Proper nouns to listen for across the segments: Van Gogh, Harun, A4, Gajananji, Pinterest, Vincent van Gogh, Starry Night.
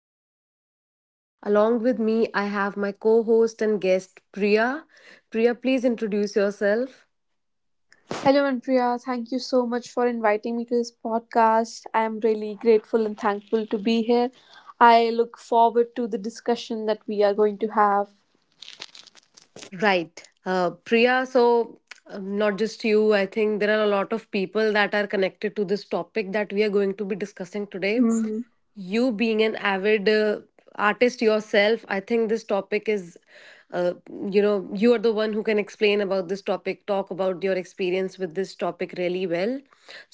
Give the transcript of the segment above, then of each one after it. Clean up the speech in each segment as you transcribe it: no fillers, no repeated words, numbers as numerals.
podcast today. Along with me, I have my co host and guest, Priya. Priya, please introduce yourself. Hello, Andrea. Thank you so much for inviting me to this podcast. I am really grateful and thankful to be here. I look forward to the discussion that we are going to have. Right. Priya, so not just you, I think there are a lot of people that are connected to this topic that we are going to be discussing today. You being an avid artist yourself, I think this topic is uh, you know, you are the one who can explain about this topic, talk about your experience with this topic really well.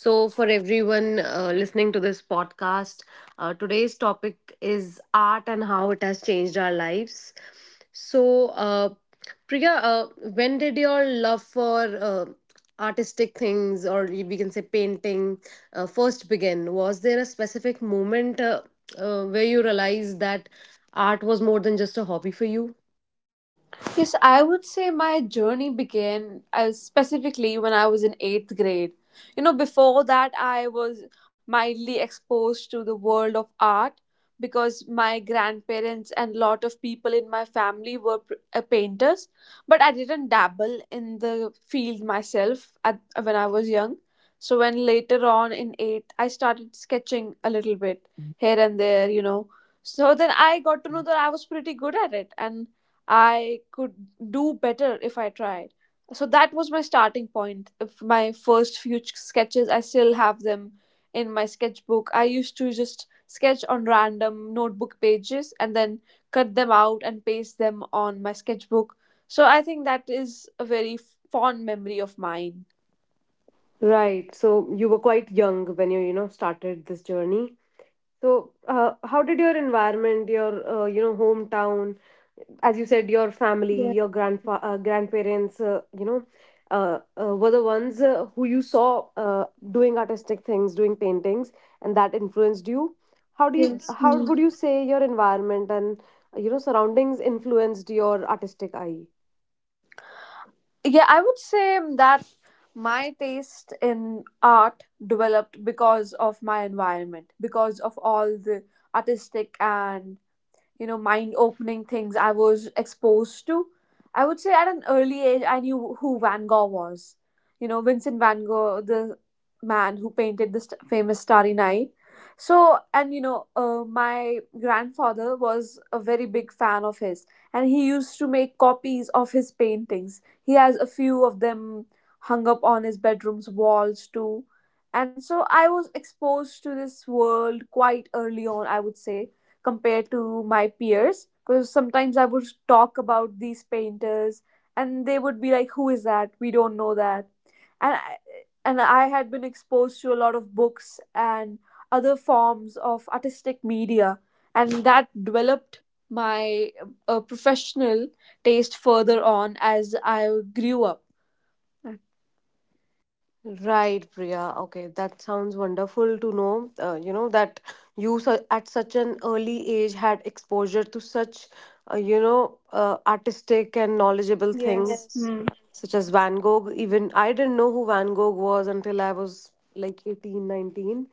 So for everyone listening to this podcast, today's topic is art and how it has changed our lives. So Priya, when did your love for artistic things, or we can say painting, first began? Was there a specific moment where you realized that art was more than just a hobby for you? Yes, I would say my journey began specifically when I was in eighth grade. You know, before that, I was mildly exposed to the world of art because my grandparents and lot of people in my family were painters, but I didn't dabble in the field myself when I was young. So, when later on in eighth, I started sketching a little bit here and there, you know. So then I got to know that I was pretty good at it, and I could do better if I tried. So that was my starting point. If my first few sketches, I still have them in my sketchbook. I used to just sketch on random notebook pages and then cut them out and paste them on my sketchbook. So I think that is a very fond memory of mine. Right. So you were quite young when you know, started this journey. So, how did your environment, your you know, hometown, as you said, your family, Yes, your grandfa grandparents, were the ones who you saw doing artistic things, doing paintings, and that influenced you? How do you, yes. how Hmm. would you say your environment and you know, surroundings influenced your artistic eye? Yeah, I would say that my taste in art developed because of my environment, because of all the artistic and mind opening things I was exposed to. I would say at an early age I knew who Van Gogh was, Vincent Van Gogh, the man who painted this famous Starry Night. So, and my grandfather was a very big fan of his, and he used to make copies of his paintings. He has a few of them hung up on his bedroom's walls too. And so I was exposed to this world quite early on, I would say, compared to my peers, because sometimes I would talk about these painters and they would be like, "Who is that? We don't know that." And I, and I had been exposed to a lot of books and other forms of artistic media, and that developed my professional taste further on as I grew up. Right, Priya. Okay, that sounds wonderful to know. You know that you at such an early age had exposure to such, artistic and knowledgeable things. Yes. Yes. Hmm. Such as Van Gogh. Even I didn't know who Van Gogh was until I was like 18, 19.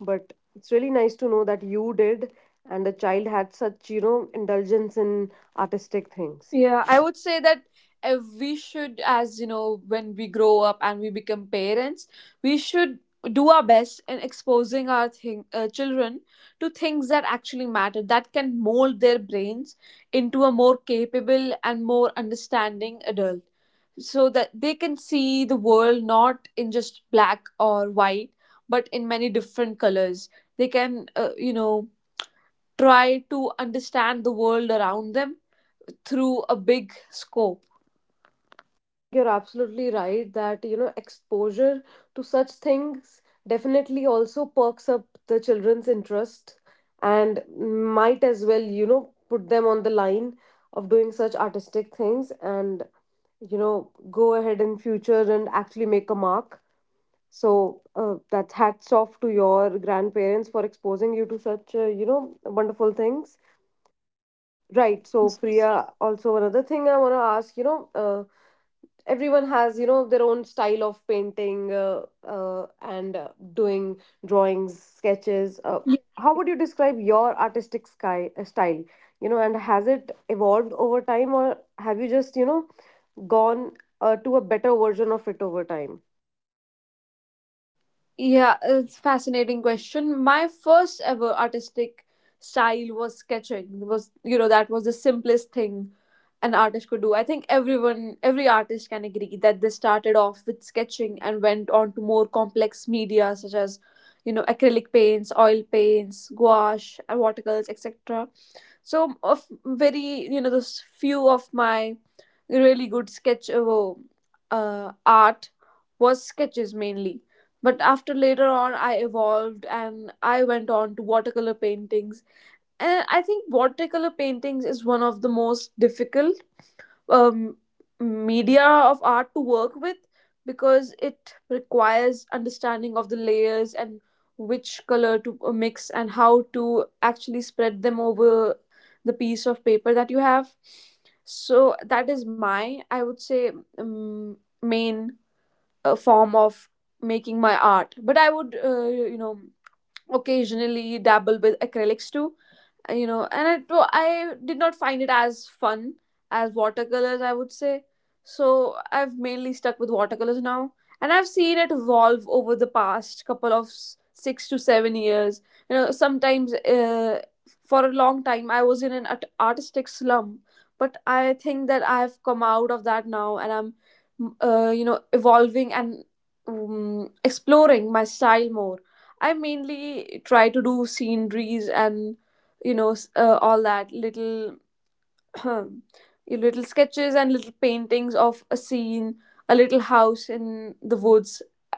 But it's really nice to know that you did, and the child had such, you know, indulgence in artistic things. Yeah, I would say that if we should, as you know, when we grow up and we become parents, we should do our best in exposing our children to things that actually matter, that can mold their brains into a more capable and more understanding adult, so that they can see the world not in just black or white, but in many different colors. They can, try to understand the world around them through a big scope. I think you're absolutely right that, you know, exposure to such things definitely also perks up the children's interest and might as well, you know, put them on the line of doing such artistic things, and, you know, go ahead in future and actually make a mark. So that hats off to your grandparents for exposing you to such you know, wonderful things. Right. So, Priya, also another thing I want to ask, you know, everyone has, you know, their own style of painting, and doing drawings, sketches. How would you describe your style? You know, and has it evolved over time, or have you just, you know, gone to a better version of it over time? Yeah, it's fascinating question. My first ever artistic style was sketching. It Was you know That was the simplest thing an artist could do. I think everyone, every artist can agree that they started off with sketching and went on to more complex media such as acrylic paints, oil paints, gouache, and watercolors, etc. So, of very, those few of my really good sketch art was sketches, mainly. But after, later on, I evolved and I went on to watercolor paintings. And I think watercolor paintings is one of the most difficult um, media of art to work with, because it requires understanding of the layers and which color to mix, and how to actually spread them over the piece of paper that you have. So that is my, I would say, um, main form of making my art. But I would occasionally dabble with acrylics too. And I did not find it as fun as watercolors, I would say. So I've mainly stuck with watercolors now, and I've seen it evolve over the past couple of 6 to 7 years. You know, sometimes, for a long time I was in an artistic slump, but I think that I've come out of that now and I'm evolving and exploring my style more. I mainly try to do sceneries and all that little your little sketches and little paintings of a scene, a little house in the woods.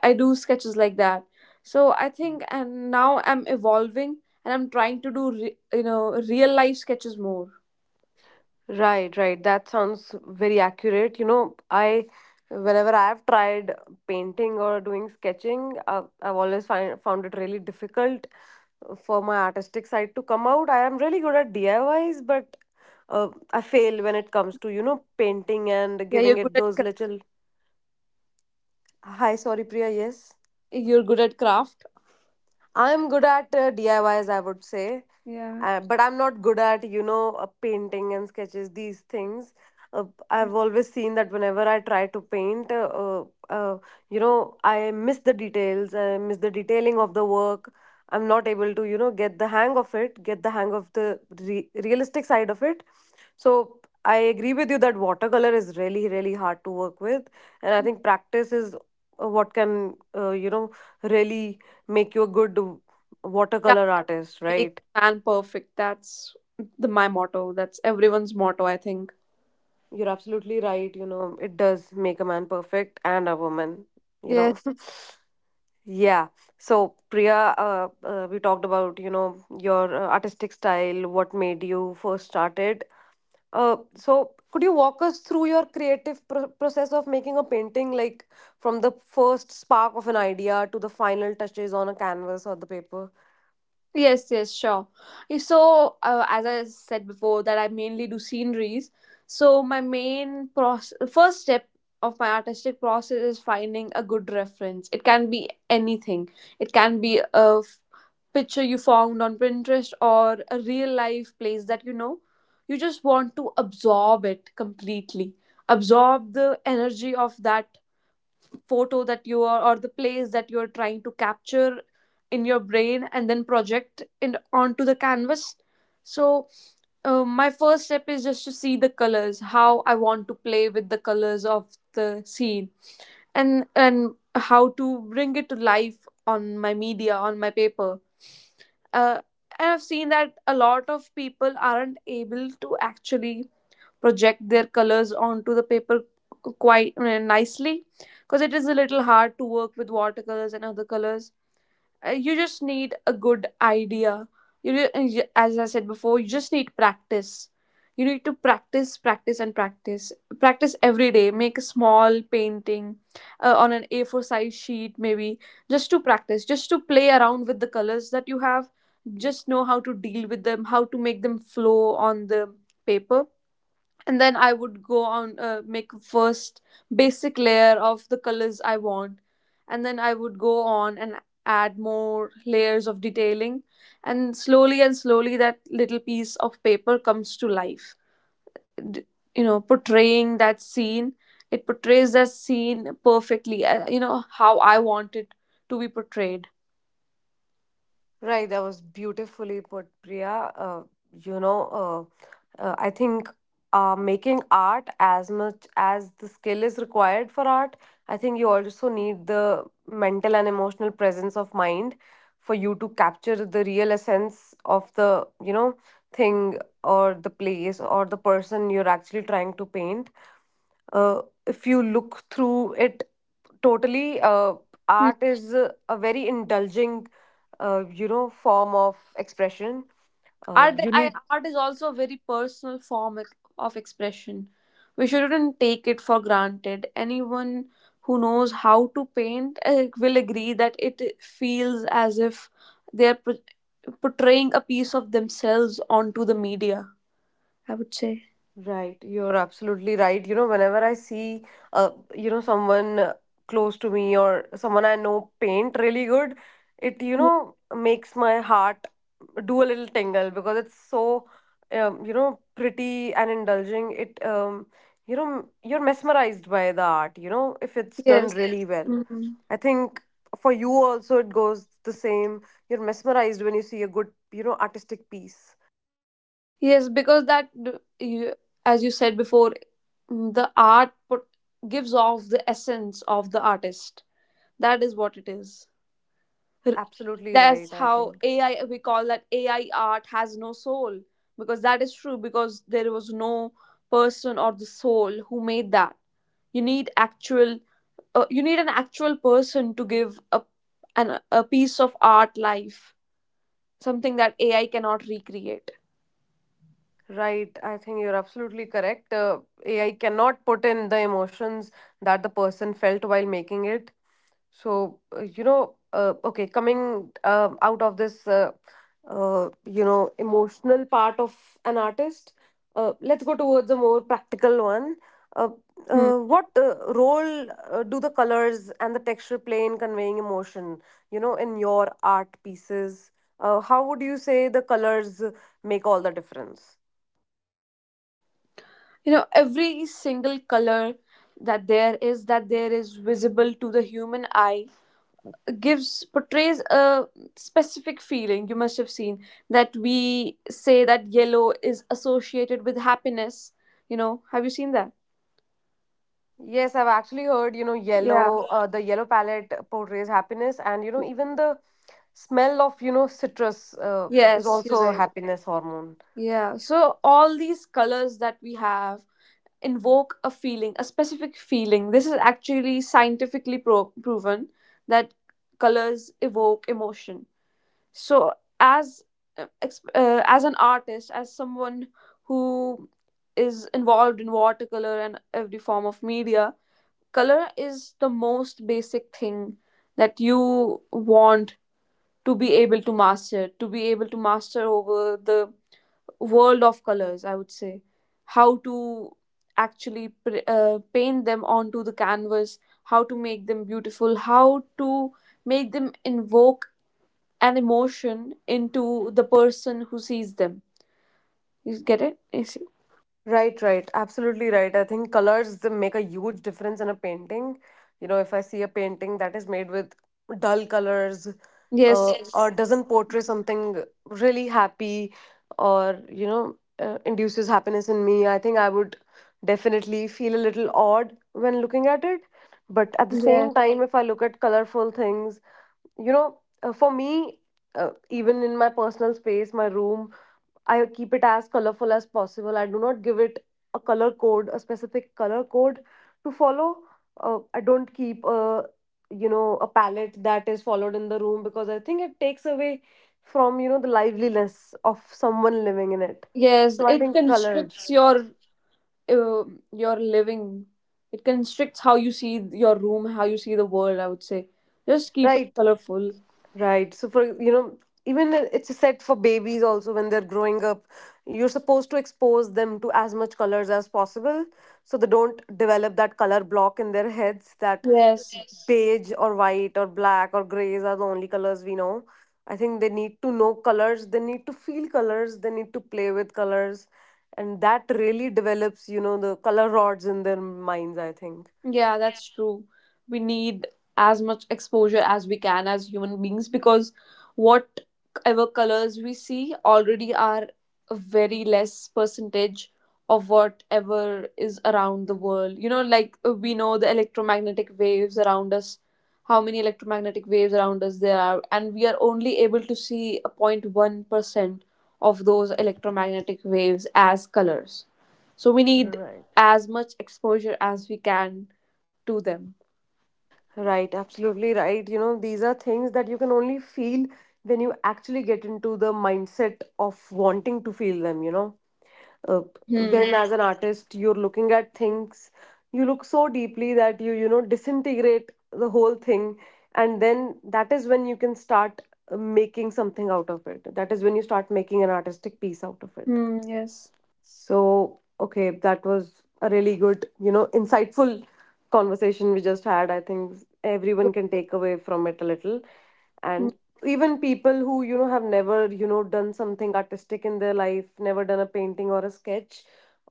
I do sketches like that. So I think, and now I'm evolving, and I'm trying to do real life sketches more. Right, right. That sounds very accurate. You know, I, whenever I have tried painting or doing sketching, I've always found it really difficult for my artistic side to come out. I am really good at DIYs, but I fail when it comes to, you know, painting and Yeah, you're giving good it at those craft. little. Hi, sorry, Priya. Yes. You're good at craft. I'm good at DIYs, I Ys, I would say, Yeah, but I'm not good at, you know, painting and sketches, these things. Uh, I've always seen that whenever I try to paint, you know, I miss the details, I miss the detailing of the work. I'm not able to, you know, get the hang of it, get the hang of the realistic side of it. So I agree with you that watercolor is really, really hard to work with. And I think practice is what can, you know, really make you a good yeah, watercolor artist, make right? man perfect, that's the my motto, that's everyone's motto, I think. You're absolutely right. You know, it does make a man perfect and a woman, you know. Yes. Yeah. So, Priya, we talked about, you know, your artistic style, what made you first started. So, could you walk us through your creative process of making a painting, like from the first spark of an idea to the final touches on a canvas or the paper? Yes, yes, sure. So, as I said before, that I mainly do sceneries. So, my main process, first step of my artistic process is finding a good reference. It can be anything. It can be a picture you found on Pinterest or a real life place that you know. You just want to absorb it completely. Absorb the energy of that photo that you are, or the place that you're trying to capture in your brain and then project it onto the canvas. So, my first step is just to see the colors, how I want to play with the colors of the scene, and how to bring it to life on my media, on my paper. uh, and I've seen that a lot of people aren't able to actually project their colors onto the paper quite nicely, because it is a little hard to work with watercolors and other colors. You just need a good idea. You, ju- uh, as I said before, you just need practice. You need to practice, practice, and practice. Practice every day. Make a small painting on an A4 size sheet, maybe, just to practice, just to play around with the colors that you have. Just know how to deal with them, how to make them flow on the paper. And then I would go on, make a first basic layer of the colors I want, and then I would go on and add more layers of detailing, and slowly that little piece of paper comes to life, D- portraying that scene. It portrays that scene perfectly, how I want it to be portrayed. Right, that was beautifully put, Priya. You know, I think making art, as much as the skill is required for art, I think you also need the mental and emotional presence of mind for you to capture the real essence of the, you know, thing or the place or the person you're actually trying to paint. If you look through it totally, art is a very indulging you know, form of expression. You need. Art is also a very personal form of expression. We shouldn't take it for granted. Anyone who knows how to paint will agree that it feels as if they're portraying a piece of themselves onto the media, I would say. Right, you're absolutely right. You know, whenever I see, you know, someone close to me or someone I know paint really good, it, you Mm. know, makes my heart do a little tingle because it's so, you know, pretty and indulging. It, you know, you're mesmerized by the art, you know, if it's done, Yes. yes, really well. Mhm. I think for you also it goes the same. You're mesmerized when you see a good, you know, artistic piece. Yes, because you, as you said before, the art gives off the essence of the artist. That is what it is. Absolutely right, That's I how think. ai we call that AI art has no soul, because that is true, because there was no person or the soul who made that. you need actual you need an actual person to give a piece of art life, something that AI cannot recreate. Right, I think you're absolutely correct. AI cannot put in the emotions that the person felt while making it. So, you know, okay, coming out of this, you know, emotional part of an artist, let's go towards a more practical one. Uh, Hmm. What role do the colors and the texture play in conveying emotion, you know, in your art pieces? How would you say the colors make all the difference? You know, every single color that there is visible to the human eye, gives portrays a specific feeling. You must have seen that we say that yellow is associated with happiness. You know, have you seen that? Yes, I've actually heard, you know, Yeah. yellow, the yellow palette portrays happiness, and you know, even the smell of, you know, citrus is Yes, you're also a right. happiness hormone. Yeah, so all these colors that we have invoke a feeling, a specific feeling. This is actually scientifically proven that colors evoke emotion. So, as as an artist, as someone who is involved in watercolor and every form of media, color is the most basic thing that you want to be able to master, over the world of colors, I would say, how to actually paint them onto the canvas, how to make them beautiful, how to make them invoke an emotion into the person who sees them. You get it? You see? Right, right, absolutely right. I think colors, they make a huge difference in a painting. You know, if I see a painting that is made with dull colors, Yes, yes, or doesn't portray something really happy, or, you know, induces happiness in me, I think I would definitely feel a little odd when looking at it. But at the yes, same time, if I look at colorful things, you know, for me, even in my personal space, my room, I keep it as colorful as possible. I do not give it a color code, a specific color code to follow. I don't keep a, you know, a palette that is followed in the room, because I think it takes away from, you know, the liveliness of someone living in it. yes. So I It think colors. constricts uh, your living. It constricts how you see your room, how you see the world. I would say, just keep it Right, colorful. right. So for, you know, even it's a set for babies also when they're growing up, you're supposed to expose them to as much colors as possible, so they don't develop that color block in their heads that Yes. beige or white or black or grays are the only colors we know. I think they need to know colors, they need to feel colors, they need to play with colors. And that really develops, you know, the color rods in their minds, I think. Yeah, that's true. We need as much exposure as we can as human beings, because whatever colors we see already are a very less percentage of whatever is around the world. You know, like we know the electromagnetic waves around us, how many electromagnetic waves around us there are, and we are only able to see a 0.1% of those electromagnetic waves as colors. So we need Right. as much exposure as we can to them. Right, absolutely right. You know, these are things that you can only feel when you actually get into the mindset of wanting to feel them, you know. uh, Hmm. when as an artist you're looking at things, you look so deeply that you know, disintegrate the whole thing, and then that is when you can start making something out of it. That is when you start making an artistic piece out of it. Hmm. Yes. So okay, that was a really good, you know, insightful conversation we just had. I think everyone can take away from it a little, Hmm. and even people who, you know, have never, you know, done something artistic in their life, never done a painting or a sketch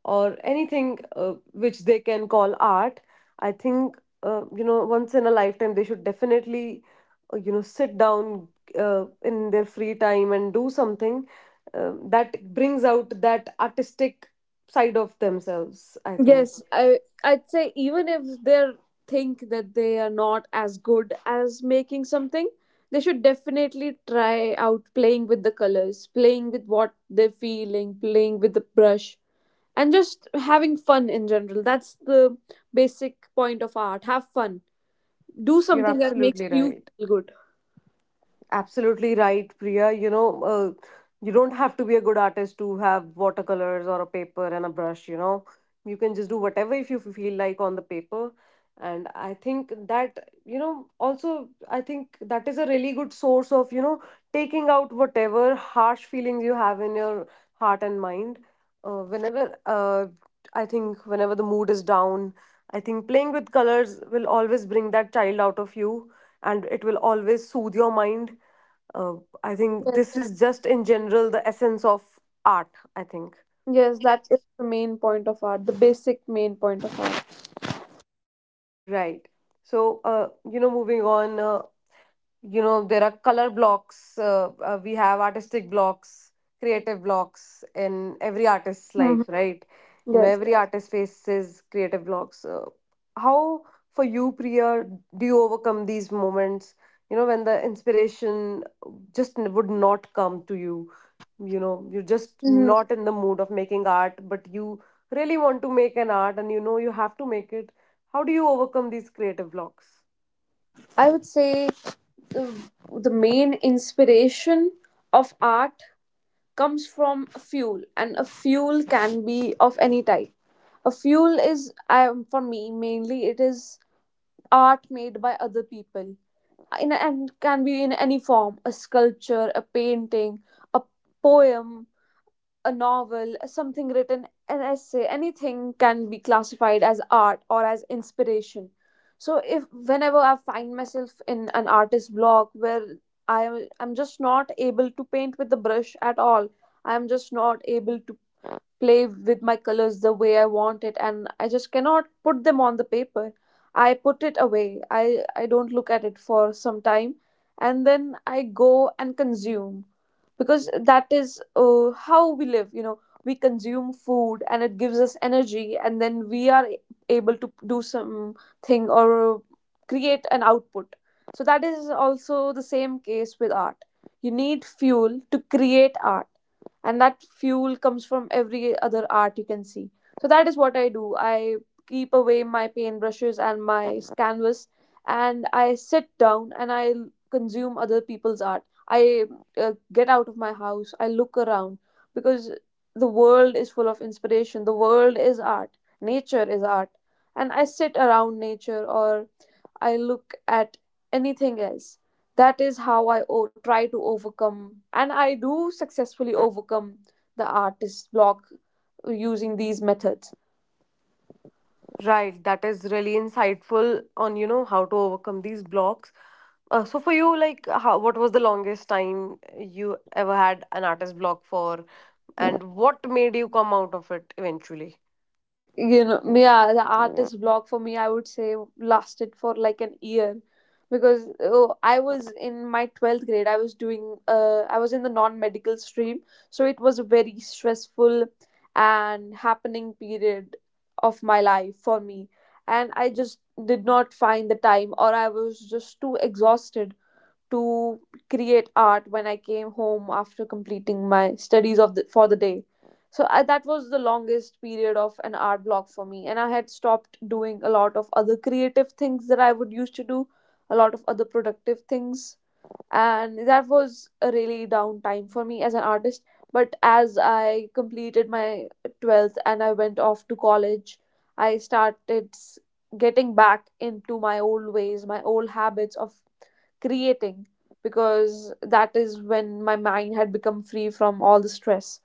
or anything which they can call art, I think you know, once in a lifetime they should definitely you know, sit down in their free time and do something that brings out that artistic side of themselves, I think. Yes. I'd say even if they think that they are not as good as making something, they should definitely try out playing with the colors, playing with what they're feeling, playing with the brush, and just having fun in general. That's the basic point of art. Have fun. Do You're something that makes absolutely you right. feel good. Absolutely right, Priya. You know, you don't have to be a good artist to have watercolors or a paper and a brush, you know. You can just do whatever if you feel like on the paper. And I think that, you know, also, I think that is a really good source of, you know, taking out whatever harsh feelings you have in your heart and mind. Whenever, I think, whenever the mood is down, I think playing with colors will always bring that child out of you, and it will always soothe your mind. uh, I think this Yes. is just in general the essence of art, I think. Yes, that is the main point of art, the basic main point of art. Right. So, you know, moving on. You know, there are color blocks. We have artistic blocks, creative blocks in every artist's Hmm. life, right? You know, Yes. every artist faces creative blocks. How, for you, Priya, do you overcome these moments, you know, when the inspiration just would not come to you? You know, you're just Hmm. not in the mood of making art, but you really want to make an art, and you know you have to make it. How do you overcome these creative blocks? I would say, uh, the main inspiration of art comes from a fuel, and a fuel can be of any type. A fuel is, for me, mainly it is art made by other people, and can be in any form: a sculpture, a painting, a poem, a novel, something written, an essay. Anything can be classified as art or as inspiration. So if whenever I find myself in an artist's block where I'm just not able to paint with the brush at all, I am just not able to play with my colors the way I want it, and I just cannot put them on the paper. I put it away. I don't look at it for some time, and then I go and consume, because that is how we live. We consume food and it gives us energy, and then we are able to do something or create an output. So that is also the same case with art. You need fuel to create art, and that fuel comes from every other art you can see. So that is what I do. I keep away my paintbrushes and my canvas, and I sit down and I consume other people's art. I get out of my house. I look around, because the world is full of inspiration. The world is art, nature is art, and I sit around nature, or I look at anything else. That is how I try to overcome, and I do successfully overcome the artist block using these methods. Right, that is really insightful on, you know, how to overcome these blocks. So for you, what was the longest time you ever had an artist block for, and what made you come out of it eventually? Yeah, the yeah, artist block for me, I would say, lasted for like an year, because I was in my 12th grade. I was in the non-medical stream, so it was a very stressful and happening period of my life for me, and I just did not find the time, or I was just too exhausted to create art when I came home after completing my studies for the day. So that was the longest period of an art block for me, and I had stopped doing a lot of other creative things that I would used to do, a lot of other productive things, and that was a really down time for me as an artist. But as I completed my 12th and I went off to college, I started getting back into my old ways, my old habits of creating, because that is when my mind had become free from all the stress.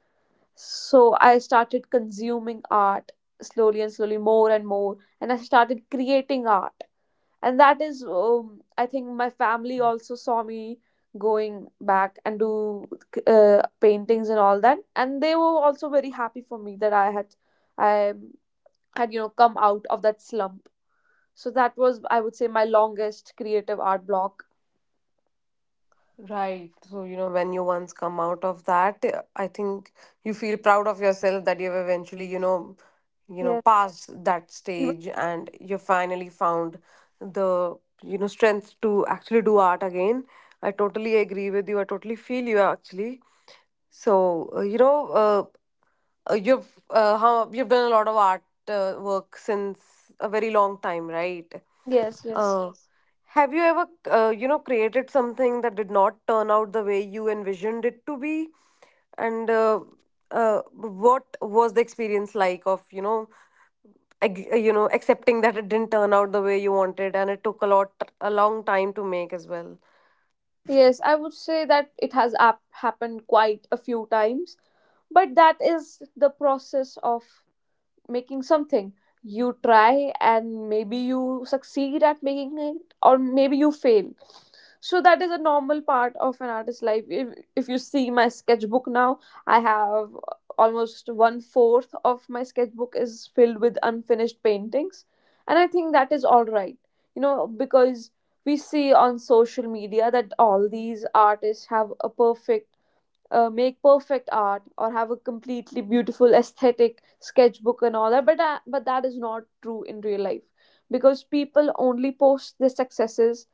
So I started consuming art slowly and slowly, more and more, and I started creating art. And that is, I think, my family also saw me going back and do paintings and all that, and they were also very happy for me that I had come out of that slump. So that was, I would say, my longest creative art block. Right. So, you know, when you once come out of that, I think you feel proud of yourself that you've eventually, you know, Yeah. passed that even stage, and you finally found the, you know, strength to actually do art again. I totally agree with you. I totally feel you actually. So, you know, you've how you've done a lot of art work since a very long time, right? Yes, yes, Uh, have you ever, you know, created something that did not turn out the way you envisioned it to be? And what was the experience like of, you know, you know, accepting that it didn't turn out the way you wanted, and it took a long time to make as well? yes. I would say that it has happened quite a few times, but that is the process of making something. You try, and maybe you succeed at making it, or maybe you fail. So that is a normal part of an artist's life. If you see my sketchbook now, I have almost one fourth of my sketchbook is filled with unfinished paintings, and I think that is all right, because we see on social media that all these artists have a perfect make perfect art, or have a completely beautiful aesthetic sketchbook and all that, but that is not true in real life, because people only post their successes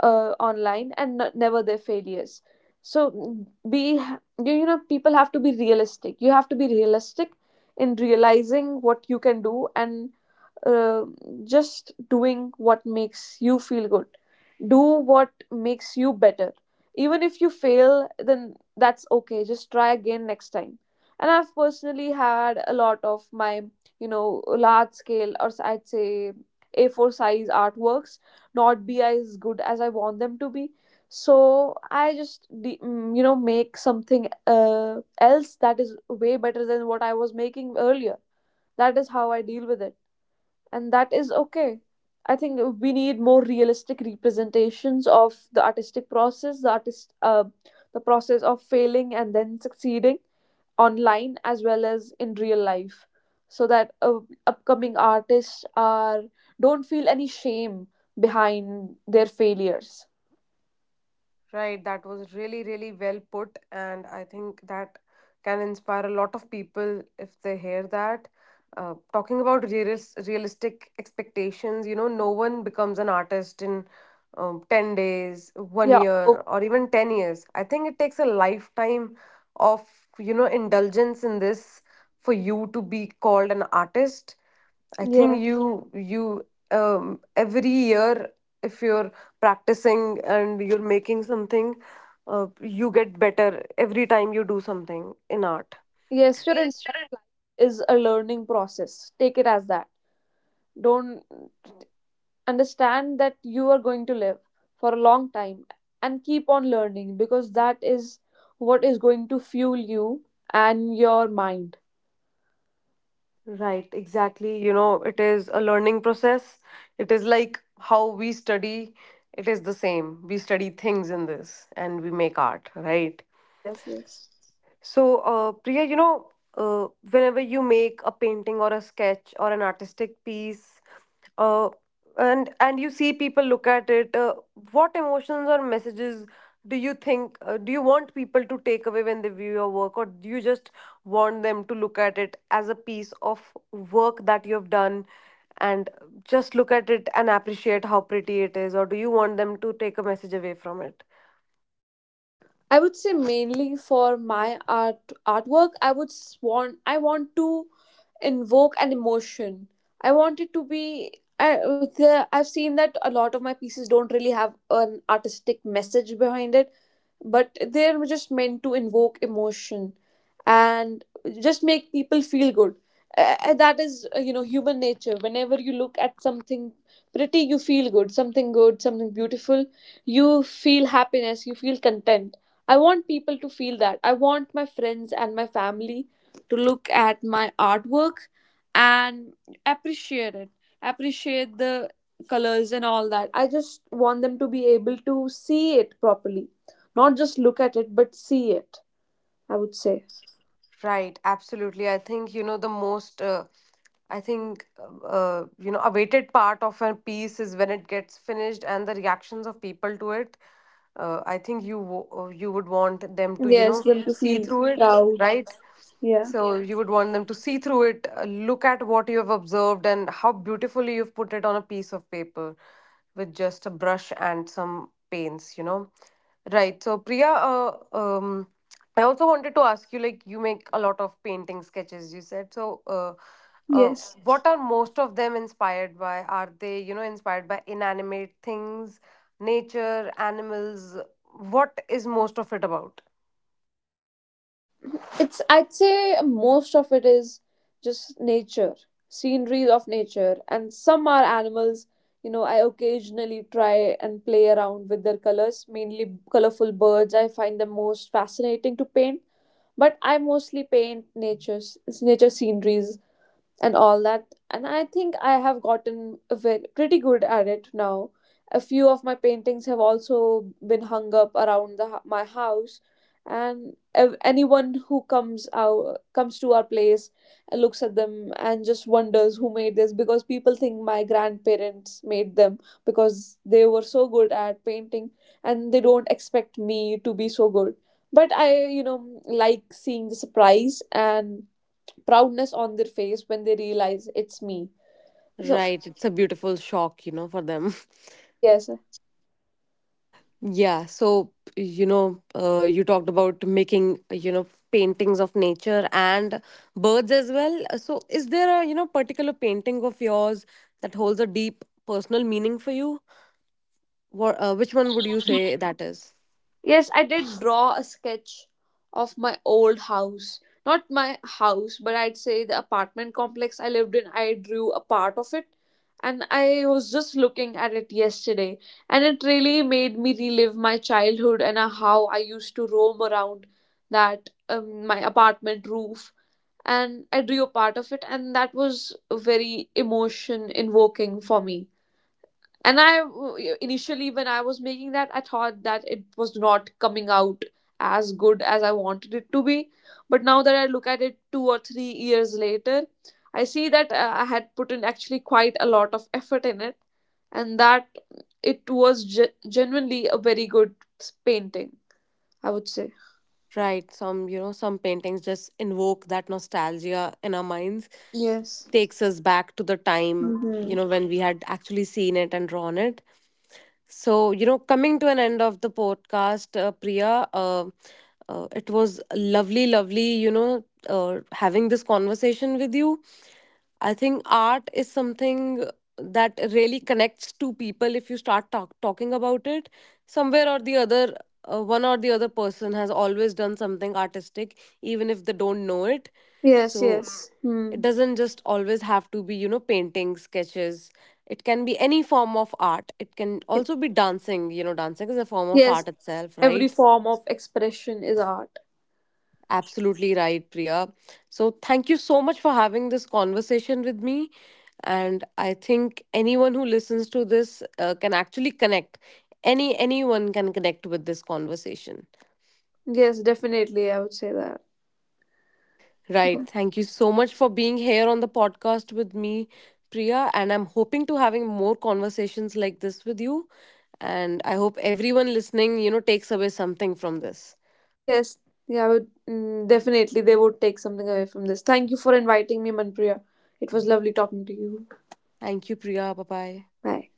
online, and never their failures. So mm, be you you know people have to be realistic. You have to be realistic in realizing what you can do, and uh, just doing what makes you feel good. Do what makes you better. Even if you fail, then that's okay. Just try again next time. And I've personally had a lot of my large scale, or I'd say, A4 size artworks, not be as good as I want them to be. So I just make something else that is way better than what I was making earlier. That is how I deal with it, and that is okay. I think we need more realistic representations of the artistic process, the process of failing and then succeeding online as well as in real life, so that upcoming artists are don't feel any shame behind their failures. Right, that was really, really well put, and I think that can inspire a lot of people if they hear that. Talking about realistic expectations, you know, no one becomes an artist in 10 days, one Yeah. Oh, year, or even 10 years. I think it takes a lifetime of, you know, indulgence in this for you to be called an artist. I think yeah. you every year, if you're practicing and you're making something, you get better every time you do something in art. Yes, your entire life is a learning process. Take it as that. Don't understand that you are going to live for a long time and keep on learning, because that is what is going to fuel you and your mind. Right, exactly. You know, it is a learning process. It is like how we study, it is the same. We study things in this and we make art, right? Yes, yes. So, Priya, you know, whenever you make a painting or a sketch or an artistic piece, uh, and you see people look at it, what emotions or messages do you think, do you want people to take away when they view your work? Or do you just want them to look at it as a piece of work that you have done? And just look at it and appreciate how pretty it is? Or do you want them to take a message away from it? I would say mainly for my artwork, I want to invoke an emotion. I want it to be. I, I've seen that a lot of my pieces don't really have an artistic message behind it, but they're just meant to invoke emotion and just make people feel good. That is human nature. Whenever you look at something pretty, you feel good. Something good, something beautiful, you feel happiness. You feel content. I want people to feel that. I want my friends and my family to look at my artwork and appreciate it, appreciate the colors and all that. I just want them to be able to see it properly, not just look at it, but see it, I would say. Right, absolutely. I think, you know, the most, you know, awaited part of a piece is when it gets finished and the reactions of people to it. I think you you would want them to, you Yes, know, them to see feel through it, proud. right? Yeah. So, yeah, you would want them to see through it, look at what you have observed and how beautifully you've put it on a piece of paper with just a brush and some paints, you know. Right. So, Priya, I also wanted to ask you, like, you make a lot of painting sketches, you said. So, uh, uh, Yes. what are most of them inspired by? Are they, you know, inspired by inanimate things, nature, animals? What is most of it about? It's I'd say most of it is just nature, sceneries of nature, and some are animals. You know, I occasionally try and play around with their colors, mainly colorful birds. I find them most fascinating to paint, but I mostly paint nature sceneries and all that. And I think I have gotten a pretty good at it now. A few of my paintings have also been hung up around my house, and anyone who comes to our place and looks at them and just wonders who made this, because people think my grandparents made them, because they were so good at painting, and they don't expect me to be so good. But I like seeing the surprise and proudness on their face when they realize it's me. So, Right. It's a beautiful shock, you know, for them. yes. Yeah, so you know, you talked about making, you know, paintings of nature and birds as well. So, is there a, you know, particular painting of yours that holds a deep personal meaning for you? What, which one would you say that is? Yes, I did draw a sketch of my old house. Not my house, but I'd say the apartment complex I lived in. I drew a part of it. And I was just looking at it yesterday. And it really made me relive my childhood, and how I used to roam around my apartment roof. And I drew a part of it. And that was very emotion invoking for me. And I, initially when I was making that, I thought that it was not coming out as good as I wanted it to be. But now that I look at it 2 or 3 years later, I see that I had put in actually quite a lot of effort in it, and that it was genuinely a very good painting, I would say. Right, some, you know, some paintings just invoke that nostalgia in our minds. Yes. Takes us back to the time, you Hmm. know, when we had actually seen it and drawn it. So, you know, coming to an end of the podcast, Priya, it was lovely, lovely, you know, having this conversation with you. I think art is something that really connects two people if you start talking about it. Somewhere or the other, one or the other person has always done something artistic, even if they don't know it. Yes, So, yes. it Hmm. doesn't just always have to be, you know, painting, sketches. It can be any form of art. It can It- also be dancing. You know, dancing is a form of yes, art itself, every right? form of expression is art. Absolutely right, Priya. So, thank you so much for having this conversation with me. And I think anyone who listens to this can actually connect. Anyone can connect with this conversation. Yes, definitely, I would say that. Right. Okay. Thank you so much for being here on the podcast with me, Priya. And I'm hoping to having more conversations like this with you. And I hope everyone listening, you know, takes away something from this. Yes, yeah, I would, definitely they would take something away from this. Thank you for inviting me, Manpriya. It was lovely talking to you. Thank you, Priya. Bye bye. Bye.